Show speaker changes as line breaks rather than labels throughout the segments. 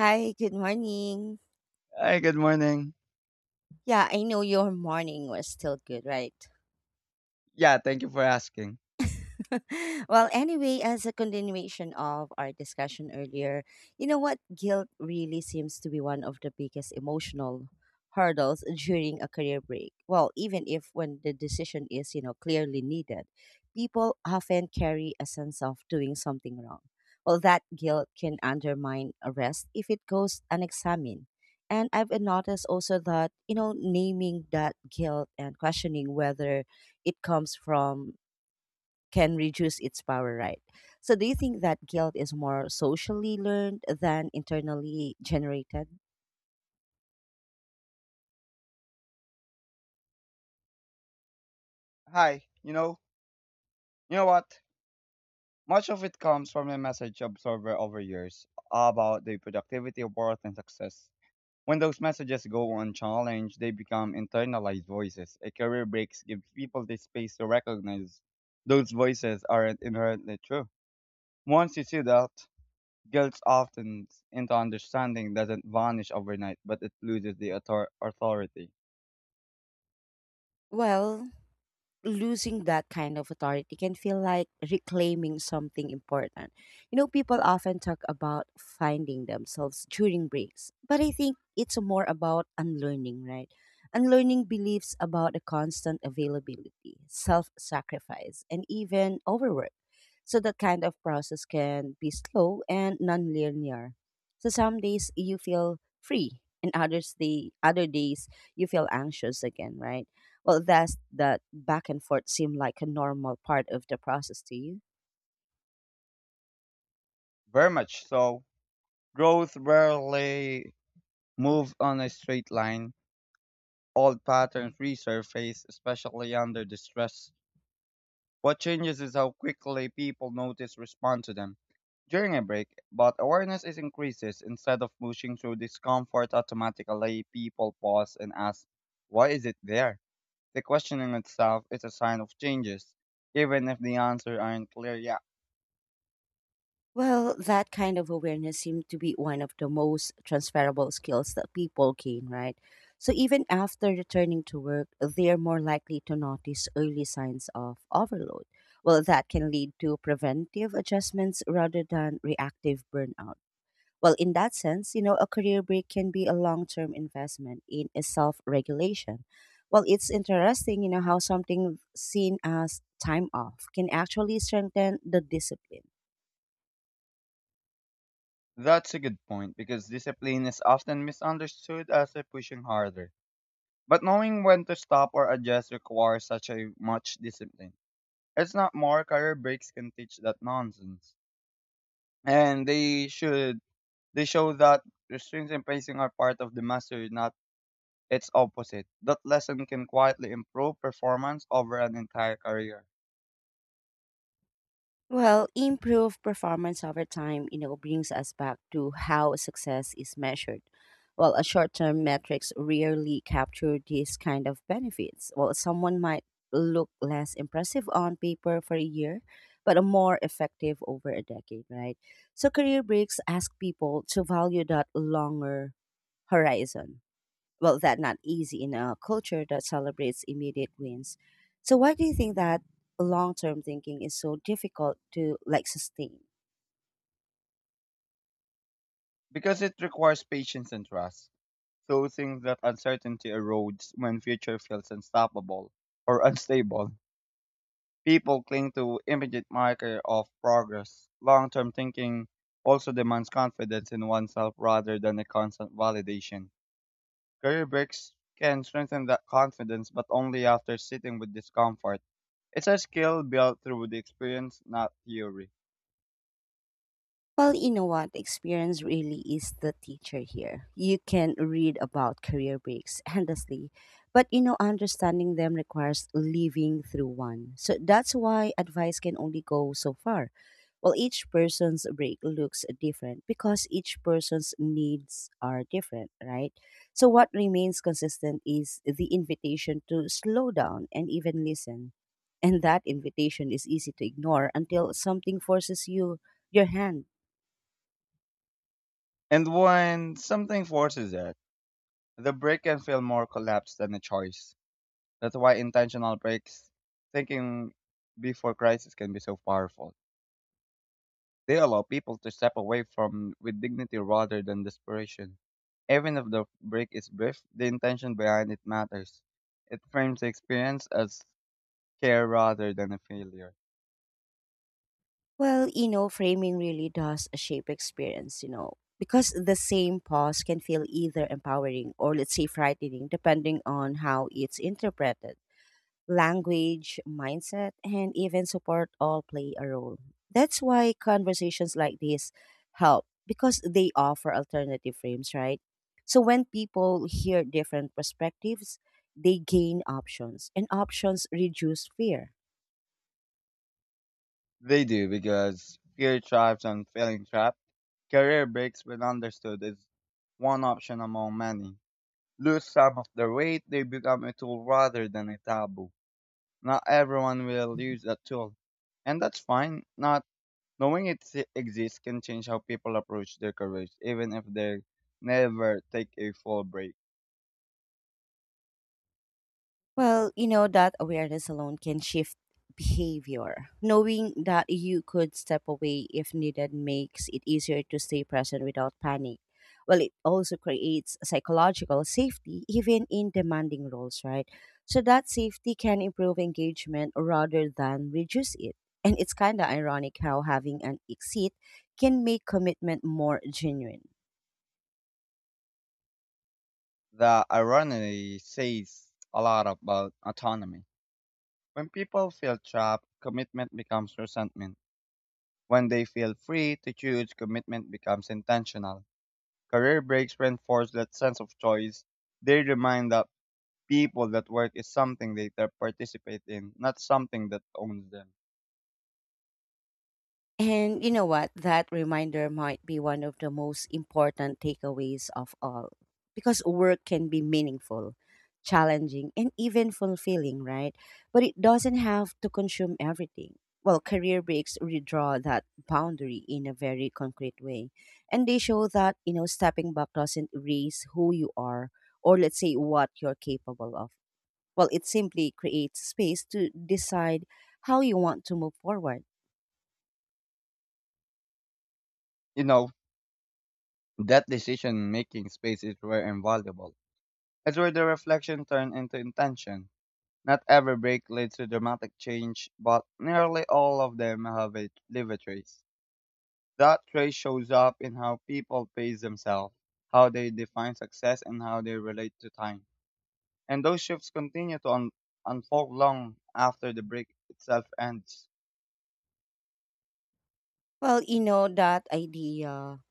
Hi, good morning.
Hi, good morning.
Yeah, I know your morning was still good, right?
Yeah, thank you for asking.
Anyway, as a continuation of our discussion earlier, you know what? Guilt really seems to be one of the biggest emotional hurdles during a career break. Well, even if when the decision is, you know, clearly needed, people often carry a sense of doing something wrong. Well, that guilt can undermine a rest if it goes unexamined. And I've noticed also that, you know, naming that guilt and questioning whether it comes from can reduce its power, right? So, do you think that guilt is more socially learned than internally generated?
Hi, you know what? Much of it comes from the message absorber over years about the productivity of worth and success. When those messages go unchallenged, they become internalized voices. A career break gives people the space to recognize those voices aren't inherently true. Once you see that, guilt often into understanding doesn't vanish overnight, but it loses the authority.
Well, losing that kind of authority can feel like reclaiming something important. You know, people often talk about finding themselves during breaks, but I think it's more about unlearning, right? Unlearning beliefs about the constant availability, self sacrifice, and even overwork. So, that kind of process can be slow and non linear. So, some days you feel free, and others, the other days you feel anxious again, right? Well, does that back and forth seem like a normal part of the process to you?
Very much so growth rarely move on a straight line, old patterns resurface, especially under distress. What changes is how quickly people notice respond to them. During a break, but awareness is increases instead of pushing through discomfort automatically, people pause and ask, why is it there? The questioning itself is a sign of changes, even if the answer aren't clear yet.
Well, that kind of awareness seems to be one of the most transferable skills that people gain, right? So even after returning to work, they're more likely to notice early signs of overload. Well, that can lead to preventive adjustments rather than reactive burnout. Well, in that sense, you know, a career break can be a long term investment in a self regulation. Well, it's interesting, you know, how something seen as time off can actually strengthen the discipline.
That's a good point because discipline is often misunderstood as a pushing harder. But knowing when to stop or adjust requires such a much discipline. It's not more career breaks can teach that nonsense. And they should they show that restraints and pacing are part of the mastery, not its opposite. That lesson can quietly improve performance over an entire career.
Well, improved performance over time, you know, brings us back to how success is measured. Well, a short-term metrics rarely capture these kind of benefits. Well, someone might look less impressive on paper for a year, but a more effective over a decade, right? So career breaks ask people to value that longer horizon, well that not easy in a culture that celebrates immediate wins. So why do you think that long-term thinking is so difficult to, like, sustain?
Because it requires patience and trust. So things that uncertainty erodes when future feels unstoppable or unstable. People cling to immediate marker of progress. Long-term thinking also demands confidence in oneself rather than a constant validation. Career breaks can strengthen that confidence, but only after sitting with discomfort. It's a skill built through the experience, not theory.
Well, you know what? Experience really is the teacher here. You can read about career breaks endlessly, but you know, understanding them requires living through one. So that's why advice can only go so far. Well, each person's break looks different because each person's needs are different, right? So, what remains consistent is the invitation to slow down and even listen. And that invitation is easy to ignore until something forces you your hand.
And when something forces it, the break can feel more collapse than a choice. That's why intentional breaks, thinking before crisis, can be so powerful. They allow people to step away from with dignity rather than desperation. Even if the break is brief, the intention behind it matters. It frames the experience as care rather than a failure.
Well, you know, framing really does shape experience, you know, because the same pause can feel either empowering or, let's say, frightening, depending on how it's interpreted. Language, mindset, and even support all play a role. That's why conversations like this help, because they offer alternative frames, right? So when people hear different perspectives, they gain options, and options reduce fear.
They do because fear thrives on feeling trapped. Career breaks, when understood, is one option among many. Lose some of their weight, they become a tool rather than a taboo. Not everyone will use that tool, and that's fine. Not knowing it exists can change how people approach their careers, even if they never take a full break.
Well, you know, that awareness alone can shift behavior. Knowing that you could step away if needed makes it easier to stay present without panic. Well, it also creates psychological safety, even in demanding roles, right? So that safety can improve engagement rather than reduce it. And it's kind of ironic how having an exit can make commitment more genuine.
The irony says a lot about autonomy. When people feel trapped, commitment becomes resentment. When they feel free to choose, commitment becomes intentional. Career breaks reinforce that sense of choice. They remind that people that work is something they participate in, not something that owns them.
And you know what? That reminder might be one of the most important takeaways of all. Because work can be meaningful, challenging, and even fulfilling, right? But it doesn't have to consume everything. Well, career breaks redraw that boundary in a very concrete way. And they show that, you know, stepping back doesn't erase who you are or, let's say, what you're capable of. Well, it simply creates space to decide how you want to move forward.
You know, that decision making space is rare and valuable. It's where the reflection turned into intention. Not every break leads to dramatic change, but nearly all of them have a, leave a trace. That trace shows up in how people pace themselves, how they define success, and how they relate to time. And those shifts continue to unfold long after the break itself ends.
Well, you know, that idea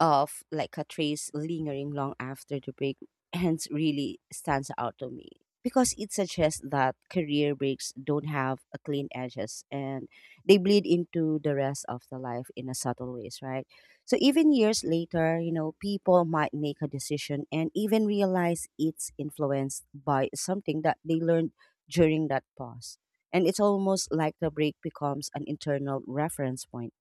of, like, a trace lingering long after the break ends really stands out to me, because it suggests that career breaks don't have a clean edges and they bleed into the rest of the life in a subtle ways, right? So even years later, you know, people might make a decision and even realize it's influenced by something that they learned during that pause. And it's almost like the break becomes an internal reference point.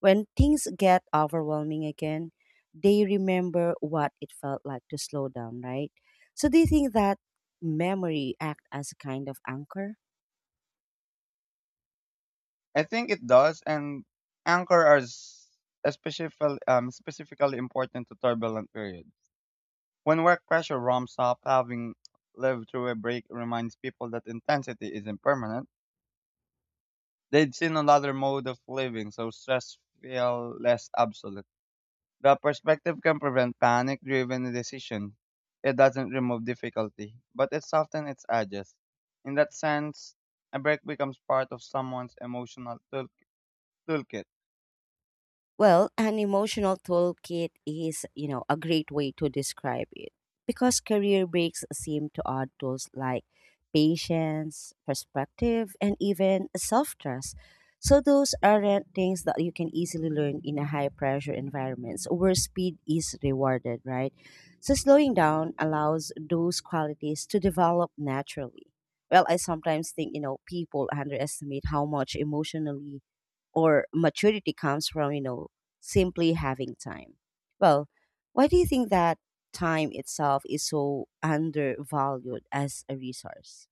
When things get overwhelming again, they remember what it felt like to slow down, right? So do you think that memory act as a kind of anchor?
I think it does, and anchor are s- especially, specifically important to turbulent periods. When work pressure ramps up, having lived through a break reminds people that intensity isn't permanent. They'd seen another mode of living, so stress feel less absolute. The perspective can prevent panic-driven decision. It doesn't remove difficulty, but it softens its edges. In that sense, a break becomes part of someone's toolkit.
Well, an emotional toolkit is, you know, a great way to describe it, because career breaks seem to add tools like patience, perspective, and even self trust. So, those aren't things that you can easily learn in a high pressure environments where speed is rewarded, right? So, slowing down allows those qualities to develop naturally. Well, I sometimes think, you know, people underestimate how much emotionally or maturity comes from, you know, simply having time. Well, why do you think that time itself is so undervalued as a resource?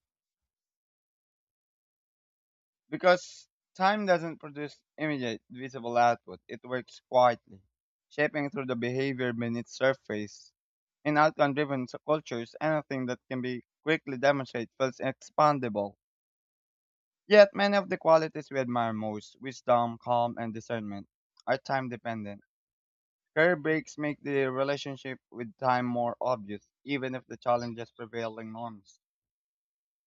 Because time doesn't produce immediate visible output, it works quietly, shaping through the behavior beneath surface. In outcome driven cultures, anything that can be quickly demonstrated feels expandable. Yet, many of the qualities we admire most wisdom, calm, and discernment are time dependent. Career breaks make the relationship with time more obvious, even if the challenges prevailing norms.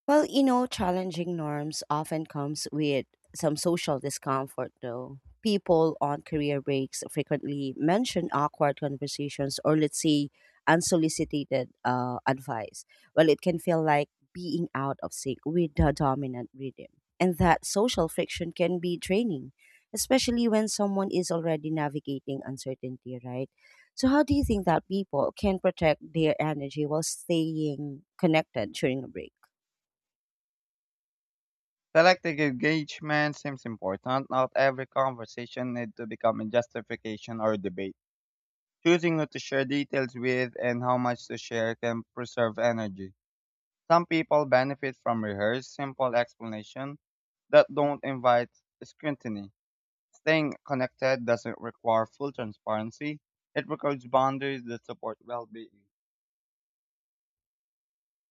Well, you know, challenging norms often comes with some social discomfort, though. People on career breaks frequently mention awkward conversations or, let's say, unsolicited advice. Well, it can feel like being out of sync with the dominant rhythm. And that social friction can be draining, especially when someone is already navigating uncertainty, right? So, how do you think that people can protect their energy while staying connected during a break?
Selective engagement seems important. Not every conversation needs to become a justification or debate. Choosing who to share details with and how much to share can preserve energy. Some people benefit from rehearsed, simple explanations that don't invite scrutiny. Staying connected doesn't require full transparency. It requires boundaries that support well-being.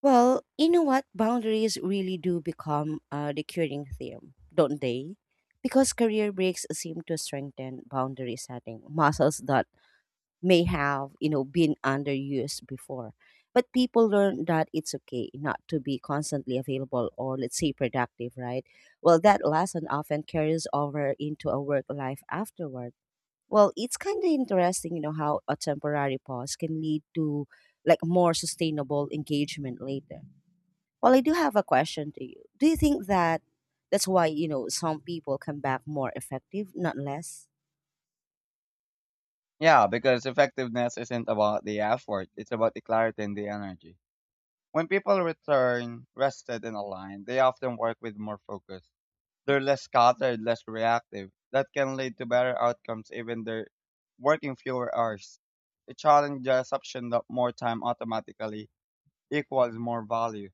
Well, you know what? Boundaries really do become the curing theme, don't they? Because career breaks seem to strengthen boundary setting muscles that may have, you know, been underused before. But people learn that it's okay not to be constantly available or, let's say, productive, right? Well, that lesson often carries over into a work life afterward. Well, it's kind of interesting, you know, how a temporary pause can lead to, like, more sustainable engagement later. Well, I do have a question to you. Do you think that that's why, you know, some people come back more effective, not less?
Yeah, because effectiveness isn't about the effort. It's about the clarity and the energy. When people return rested and aligned, they often work with more focus. They're less scattered, less reactive. That can lead to better outcomes even they're working fewer hours. It challenges the assumption that more time automatically equals more value.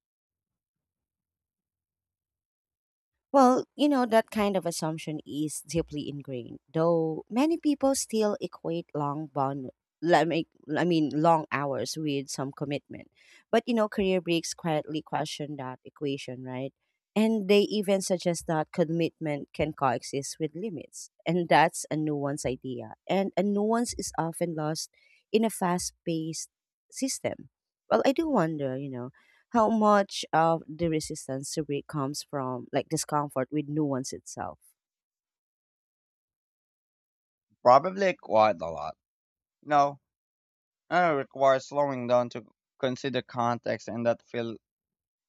Well, you know, that kind of assumption is deeply ingrained, though many people still equate long bond let me, I mean long hours with some commitment. But you know, career breaks quietly question that equation, right? And they even suggest that commitment can coexist with limits. And that's a nuanced idea. And a nuance is often lost in a fast paced system. Well, I do wonder, you know, how much of the resistance to break comes from, like, discomfort with nuance itself?
Probably quite a lot. No, and it requires slowing down to consider context and that feel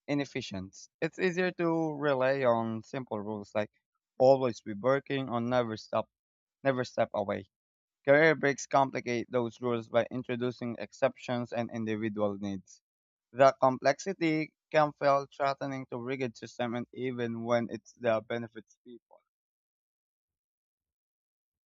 inefficient. It's easier to rely on simple rules like always be working or never stop never step away. Career breaks complicate those rules by introducing exceptions and individual needs. The complexity can feel threatening to rigid system and even when it's the benefits people.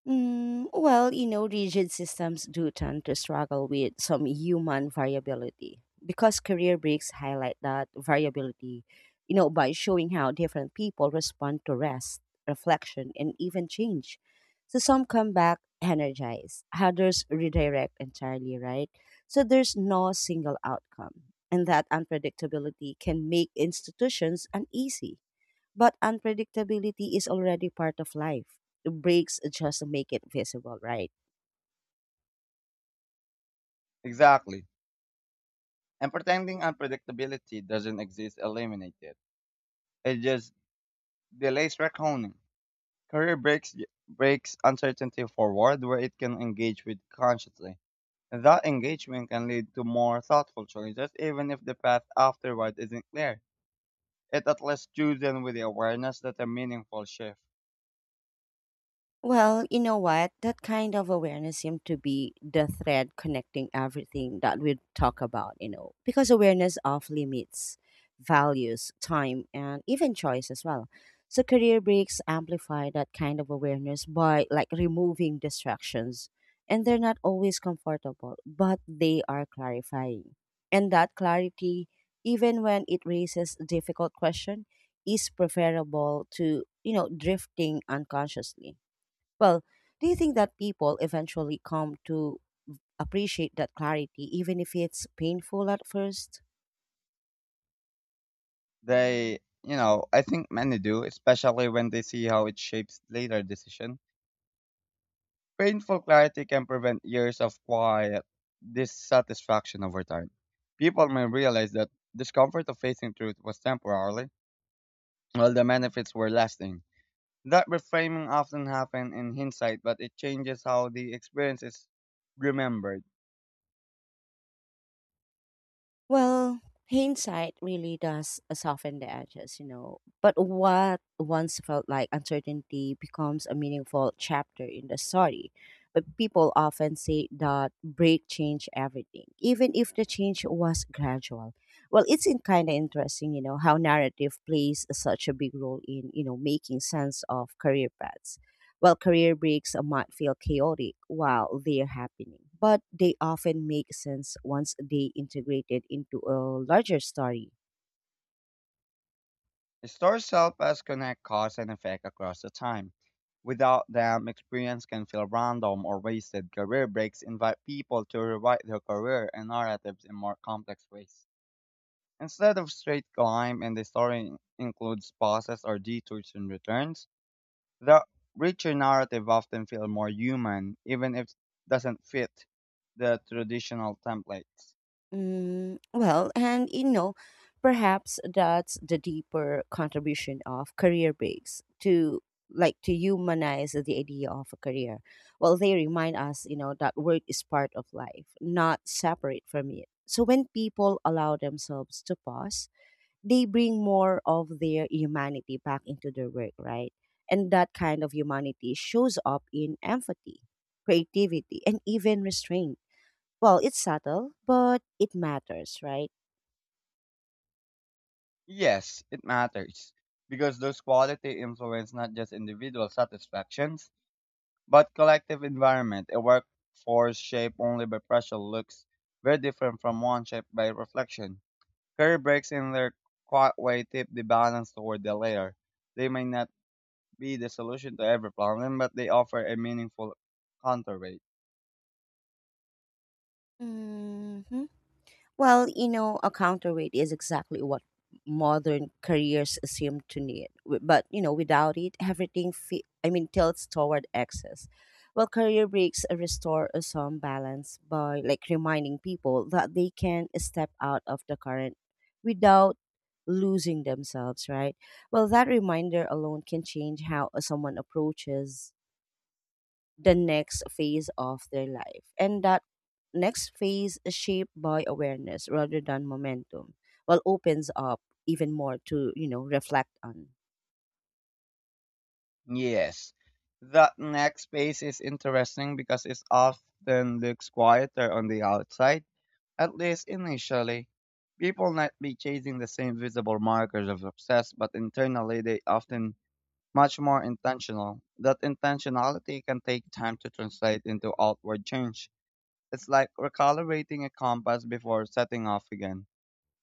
Well, you know, rigid systems do tend to struggle with some human variability, because career breaks highlight that variability, you know, by showing how different people respond to rest, reflection, and even change. So some come back energized, others redirect entirely, right? So there's no single outcome, and that unpredictability can make institutions uneasy. But unpredictability is already part of life. Breaks just make it visible, right?
Exactly. And pretending unpredictability doesn't exist eliminates it. It just delays reckoning. Career breaks uncertainty forward where it can engage with consciously. And that engagement can lead to more thoughtful choices even if the path afterward isn't clear. It at least do them with the awareness that a meaningful shift.
Well, you know what? That kind of awareness seemed to be the thread connecting everything that we talk about, you know, because awareness of limits, values, time, and even choice as well. So, career breaks amplify that kind of awareness by, like, removing distractions. And they're not always comfortable, but they are clarifying. And that clarity, even when it raises difficult question, is preferable to, you know, drifting unconsciously. Well, do you think that people eventually come to appreciate that clarity, even if it's painful at first?
I think many do, especially when they see how it shapes later decision. Painful clarity can prevent years of quiet dissatisfaction over time. People may realize that discomfort of facing truth was temporarily, while the benefits were lasting. That reframing often happens in hindsight, but it changes how the experience is remembered.
Well, hindsight really does soften the edges, you know. But what once felt like uncertainty becomes a meaningful chapter in the story. But people often say that break changed everything, even if the change was gradual. Well, it's in kind of interesting, you know, how narrative plays such a big role in, you know, making sense of career paths. While career breaks might feel chaotic while they're happening, but they often make sense once they integrated into a larger story.
Stories help us connect cause and effect across the time. Without them, experience can feel random or wasted. Career breaks invite people to rewrite their career and narratives in more complex ways. Instead of straight climb and the story includes pauses or detours and returns, the richer narrative often feels more human, even if it doesn't fit the traditional templates.
Well, and you know, perhaps that's the deeper contribution of career breaks to to humanize the idea of a career. Well, they remind us, you know, that work is part of life, not separate from it. So when people allow themselves to pause, they bring more of their humanity back into their work, right? And that kind of humanity shows up in empathy, creativity, and even restraint. Well, it's subtle, but it matters, right?
Yes, it matters because those quality influence not just individual satisfactions. But collective environment, a workforce shaped only by pressure looks very different from one shaped by reflection. Career breaks in their quiet way tip the balance toward the latter. They may not be the solution to every problem, but they offer a meaningful counterweight.
hmm Well, you know, a counterweight is exactly what modern careers seem to need. But, you know, without it, everything tilts toward excess. Well, career breaks restore some balance by, like, reminding people that they can step out of the current without losing themselves, right? Well, that reminder alone can change how someone approaches the next phase of their life. And that next phase is shaped by awareness rather than momentum, while opens up even more to, you know, reflect on.
Yes. That next space is interesting because it often looks quieter on the outside, at least initially. People might be chasing the same visible markers of success, but internally they often much more intentional. That intentionality can take time to translate into outward change. It's like recalibrating a compass before setting off again.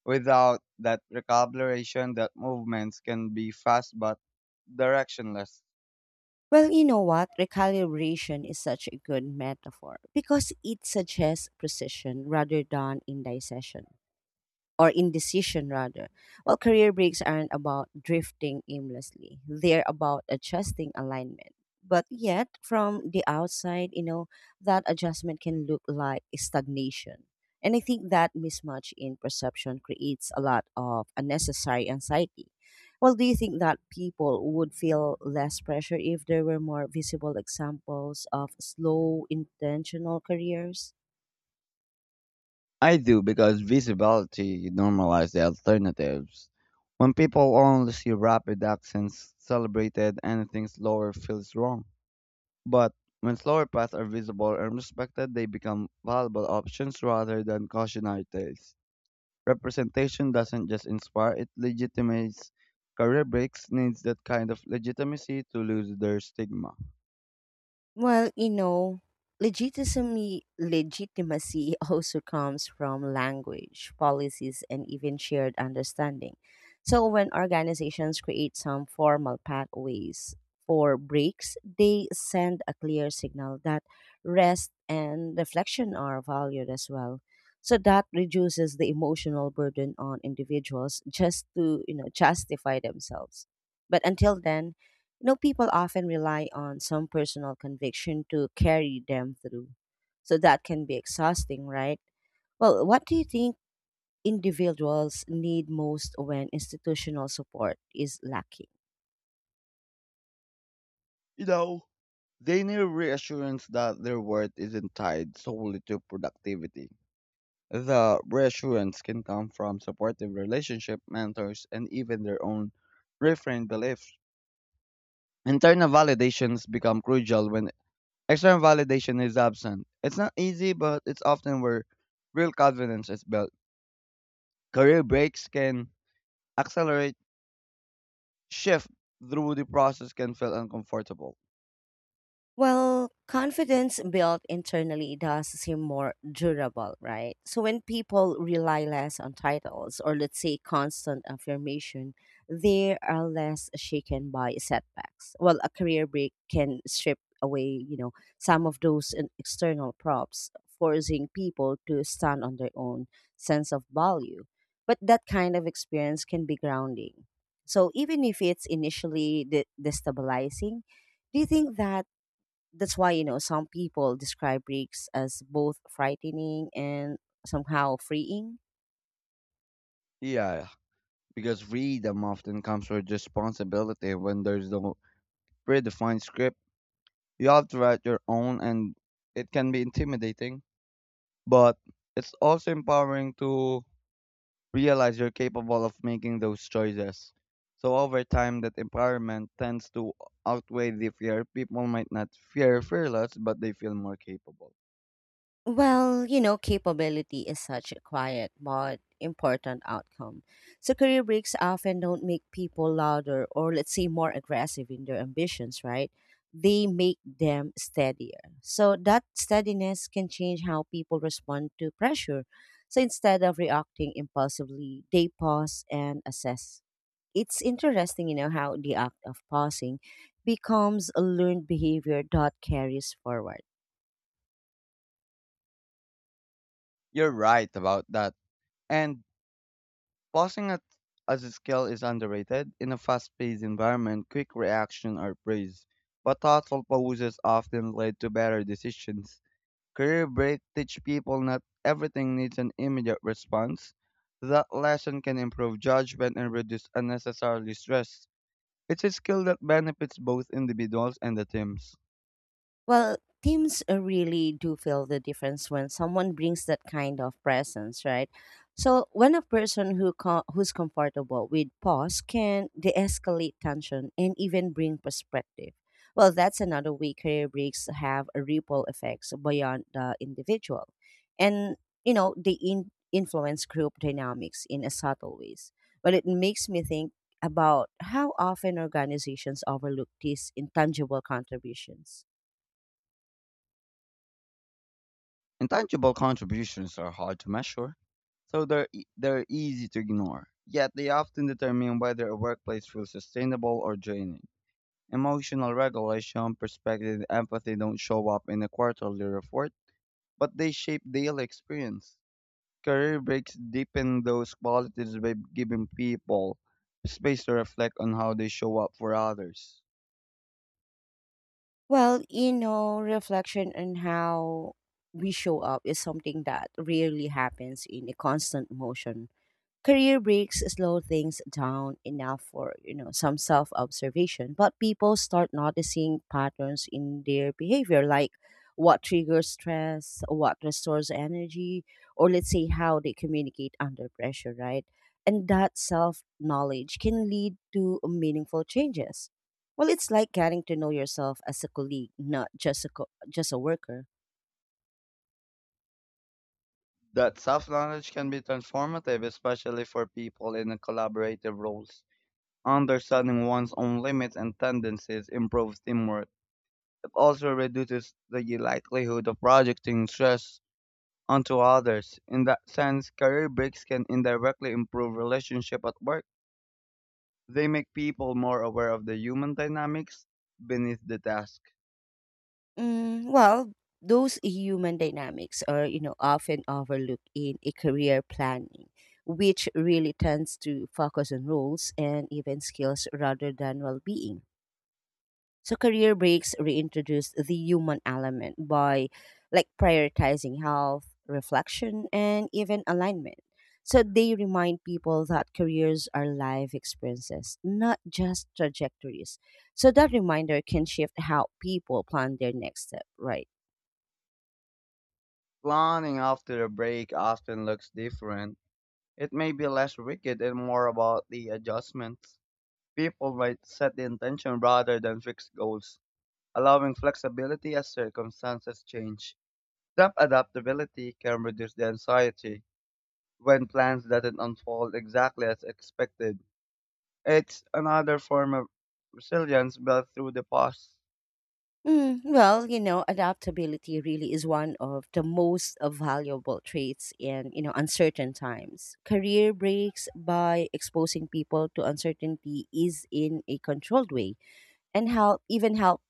Without that recalibration, that movements can be fast but directionless.
Well, you know what? Recalibration is such a good metaphor because it suggests precision rather than indecision rather. Well, career breaks aren't about drifting aimlessly. They're about adjusting alignment. But yet, from the outside, you know, that adjustment can look like stagnation. And I think that mismatch in perception creates a lot of unnecessary anxiety. Well, do you think that people would feel less pressure if there were more visible examples of slow, intentional careers?
I do because visibility normalizes the alternatives. When people only see rapid actions celebrated, anything slower feels wrong. But when slower paths are visible and respected, they become valuable options rather than cautionary tales. Representation doesn't just inspire, it legitimates. Career breaks needs that kind of legitimacy to lose their stigma.
Well, you know, legitimacy also comes from language, policies, and even shared understanding. So when organizations create some formal pathways for breaks, they send a clear signal that rest and reflection are valued as well. So that reduces the emotional burden on individuals just to, you know, justify themselves. But until then, you know, people often rely on some personal conviction to carry them through. So that can be exhausting, right? Well, what do you think individuals need most when institutional support is lacking?
You know, they need reassurance that their worth isn't tied solely to productivity. The reassurance can come from supportive relationship, mentors, and even their own reframed beliefs. Internal validations become crucial when external validation is absent. It's not easy, but it's often where real confidence is built. Career breaks can accelerate shift through the process can feel uncomfortable.
Well, confidence built internally does seem more durable, right? So when people rely less on titles or let's say constant affirmation, they are less shaken by setbacks. Well, a career break can strip away, you know, some of those external props, forcing people to stand on their own sense of value. But that kind of experience can be grounding. So even if it's initially destabilizing, do you think that that's why you know some people describe breaks as both frightening and somehow freeing?
Yeah, because freedom often comes with responsibility when there's no predefined script. You have to write your own and it can be intimidating, but it's also empowering to realize you're capable of making those choices. So over time, that empowerment tends to outweigh the fear. People might not fear fearless, but they feel more capable.
Well, you know, capability is such a quiet but important outcome. So career breaks often don't make people louder or let's say more aggressive in their ambitions, right? They make them steadier, so that steadiness can change how people respond to pressure. So instead of reacting impulsively, they pause and assess. It's interesting, you know, how the act of pausing becomes a learned behavior that carries forward.
You're right about that. And pausing at, as a skill is underrated. In a fast-paced environment, quick reaction are praised, but thoughtful pauses often lead to better decisions. Career break teach people not everything needs an immediate response. That lesson can improve judgment and reduce unnecessary stress. It's a skill that benefits both individuals and the teams.
Well, teams really do feel the difference when someone brings that kind of presence, right? So when a person who's comfortable with pause can de-escalate tension and even bring perspective. Well, that's another way career breaks have a ripple effects beyond the individual, and you know they influence group dynamics in a subtle ways. But it makes me think about how often organizations overlook these intangible contributions.
Intangible contributions are hard to measure, so they're easy to ignore. Yet they often determine whether a workplace feels sustainable or draining. Emotional regulation, perspective, and empathy don't show up in a quarterly report, but they shape daily experience. Career breaks deepen those qualities by giving people space to reflect on how they show up for others.
Well, you know, reflection on how we show up is something that rarely happens in a constant motion. Career breaks slow things down enough for, you know, some self-observation, but people start noticing patterns in their behavior, like what triggers stress, what restores energy, or let's say how they communicate under pressure, right? And that self-knowledge can lead to meaningful changes. Well, it's like getting to know yourself as a colleague, not just a co- just a worker.
That self knowledge can be transformative, especially for people in collaborative roles. Understanding one's own limits and tendencies improves teamwork. It also reduces the likelihood of projecting stress onto others. In that sense, career breaks can indirectly improve relationship at work. They make people more aware of the human dynamics beneath the task.
Mm, well, those human dynamics are, you know, often overlooked in a career planning, which really tends to focus on roles and even skills rather than well-being. So career breaks reintroduce the human element by like prioritizing health, reflection, and even alignment. So they remind people that careers are life experiences, not just trajectories. So that reminder can shift how people plan their next step, right?
Planning after a break often looks different. It may be less rigid and more about the adjustments. People might set the intention rather than fixed goals, allowing flexibility as circumstances change. That adaptability can reduce the anxiety when plans doesn't unfold exactly as expected. It's another form of resilience built through the past.
Mm, well, you know, adaptability really is one of the most valuable traits in, you know, uncertain times. Career breaks by exposing people to uncertainty is in a controlled way and help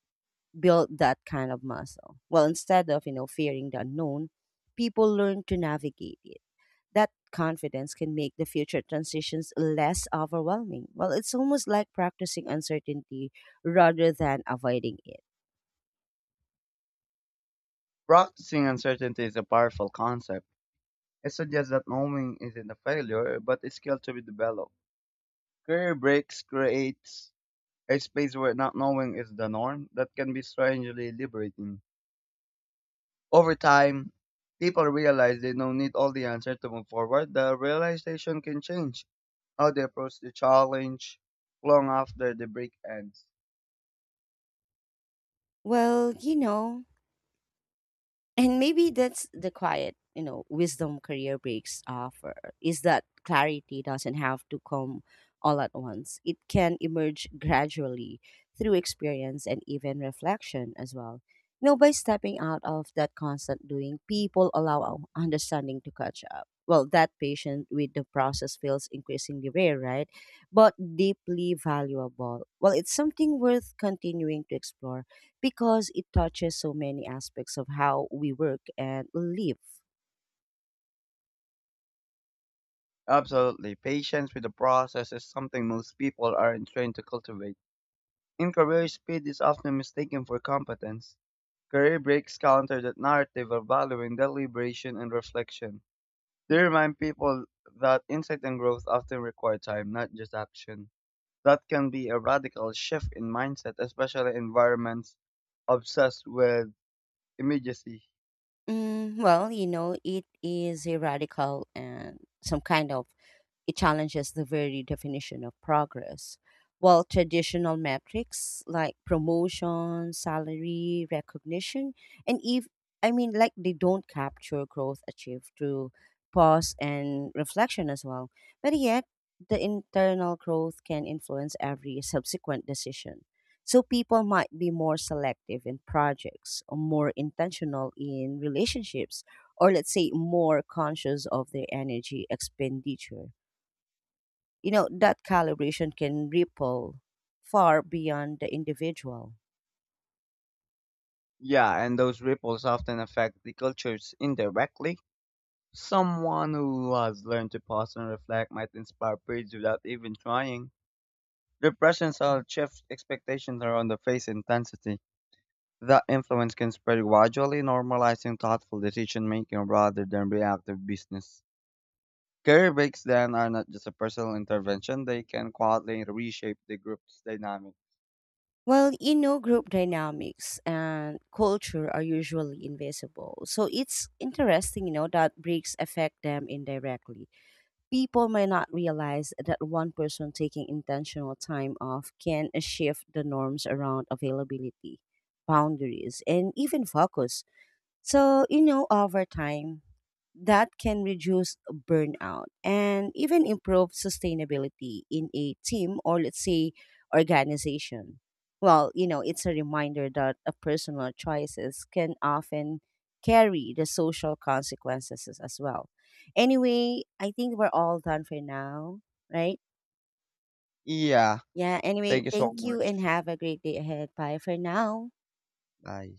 build that kind of muscle. Well, instead of, you know, fearing the unknown, people learn to navigate it. That confidence can make the future transitions less overwhelming. Well, it's almost like practicing uncertainty rather than avoiding it.
Practicing uncertainty is a powerful concept. It suggests that knowing isn't a failure, but a skill to be developed. Career breaks creates a space where not knowing is the norm that can be strangely liberating. Over time, people realize they don't need all the answers to move forward. The realization can change how they approach the challenge long after the break ends.
Well, you know, and maybe that's the quiet, you know, wisdom career breaks offer is that clarity doesn't have to come all at once. It can emerge gradually through experience and even reflection as well. You know, by stepping out of that constant doing, people allow our understanding to catch up. Well, that patient with the process feels increasingly rare, right? But deeply valuable. Well, it's something worth continuing to explore because it touches so many aspects of how we work and live.
Absolutely, patience with the process is something most people aren't trained to cultivate. In career, speed is often mistaken for competence. Career breaks counter that narrative of valuing deliberation and reflection. They remind people that insight and growth often require time, not just action. That can be a radical shift in mindset, especially environments obsessed with immediacy.
Mm, well, you know, it is a radical and some kind of it challenges the very definition of progress. While traditional metrics like promotion, salary, recognition, and if like they don't capture growth achieved through pause and reflection as well. But yet, the internal growth can influence every subsequent decision. So people might be more selective in projects, or more intentional in relationships, or let's say more conscious of their energy expenditure. You know, that calibration can ripple far beyond the individual.
Yeah, and those ripples often affect the cultures indirectly. Someone who has learned to pause and reflect might inspire praise without even trying. Depressions style shift expectations around the face intensity. That influence can spread gradually, normalizing thoughtful decision making rather than reactive business. Career breaks then are not just a personal intervention, they can quietly reshape the group's dynamic.
Well, you know, group dynamics and culture are usually invisible. So it's interesting, you know, that breaks affect them indirectly. People may not realize that one person taking intentional time off can shift the norms around availability, boundaries, and even focus. So, you know, over time, that can reduce burnout and even improve sustainability in a team or let's say organization. Well, you know, it's a reminder that a personal choices can often carry the social consequences as well. Anyway, I think we're all done for now, right?
Yeah,
Yeah, anyway,
thank you so
thank you and
much.
have a great day ahead. Bye for now.
Bye.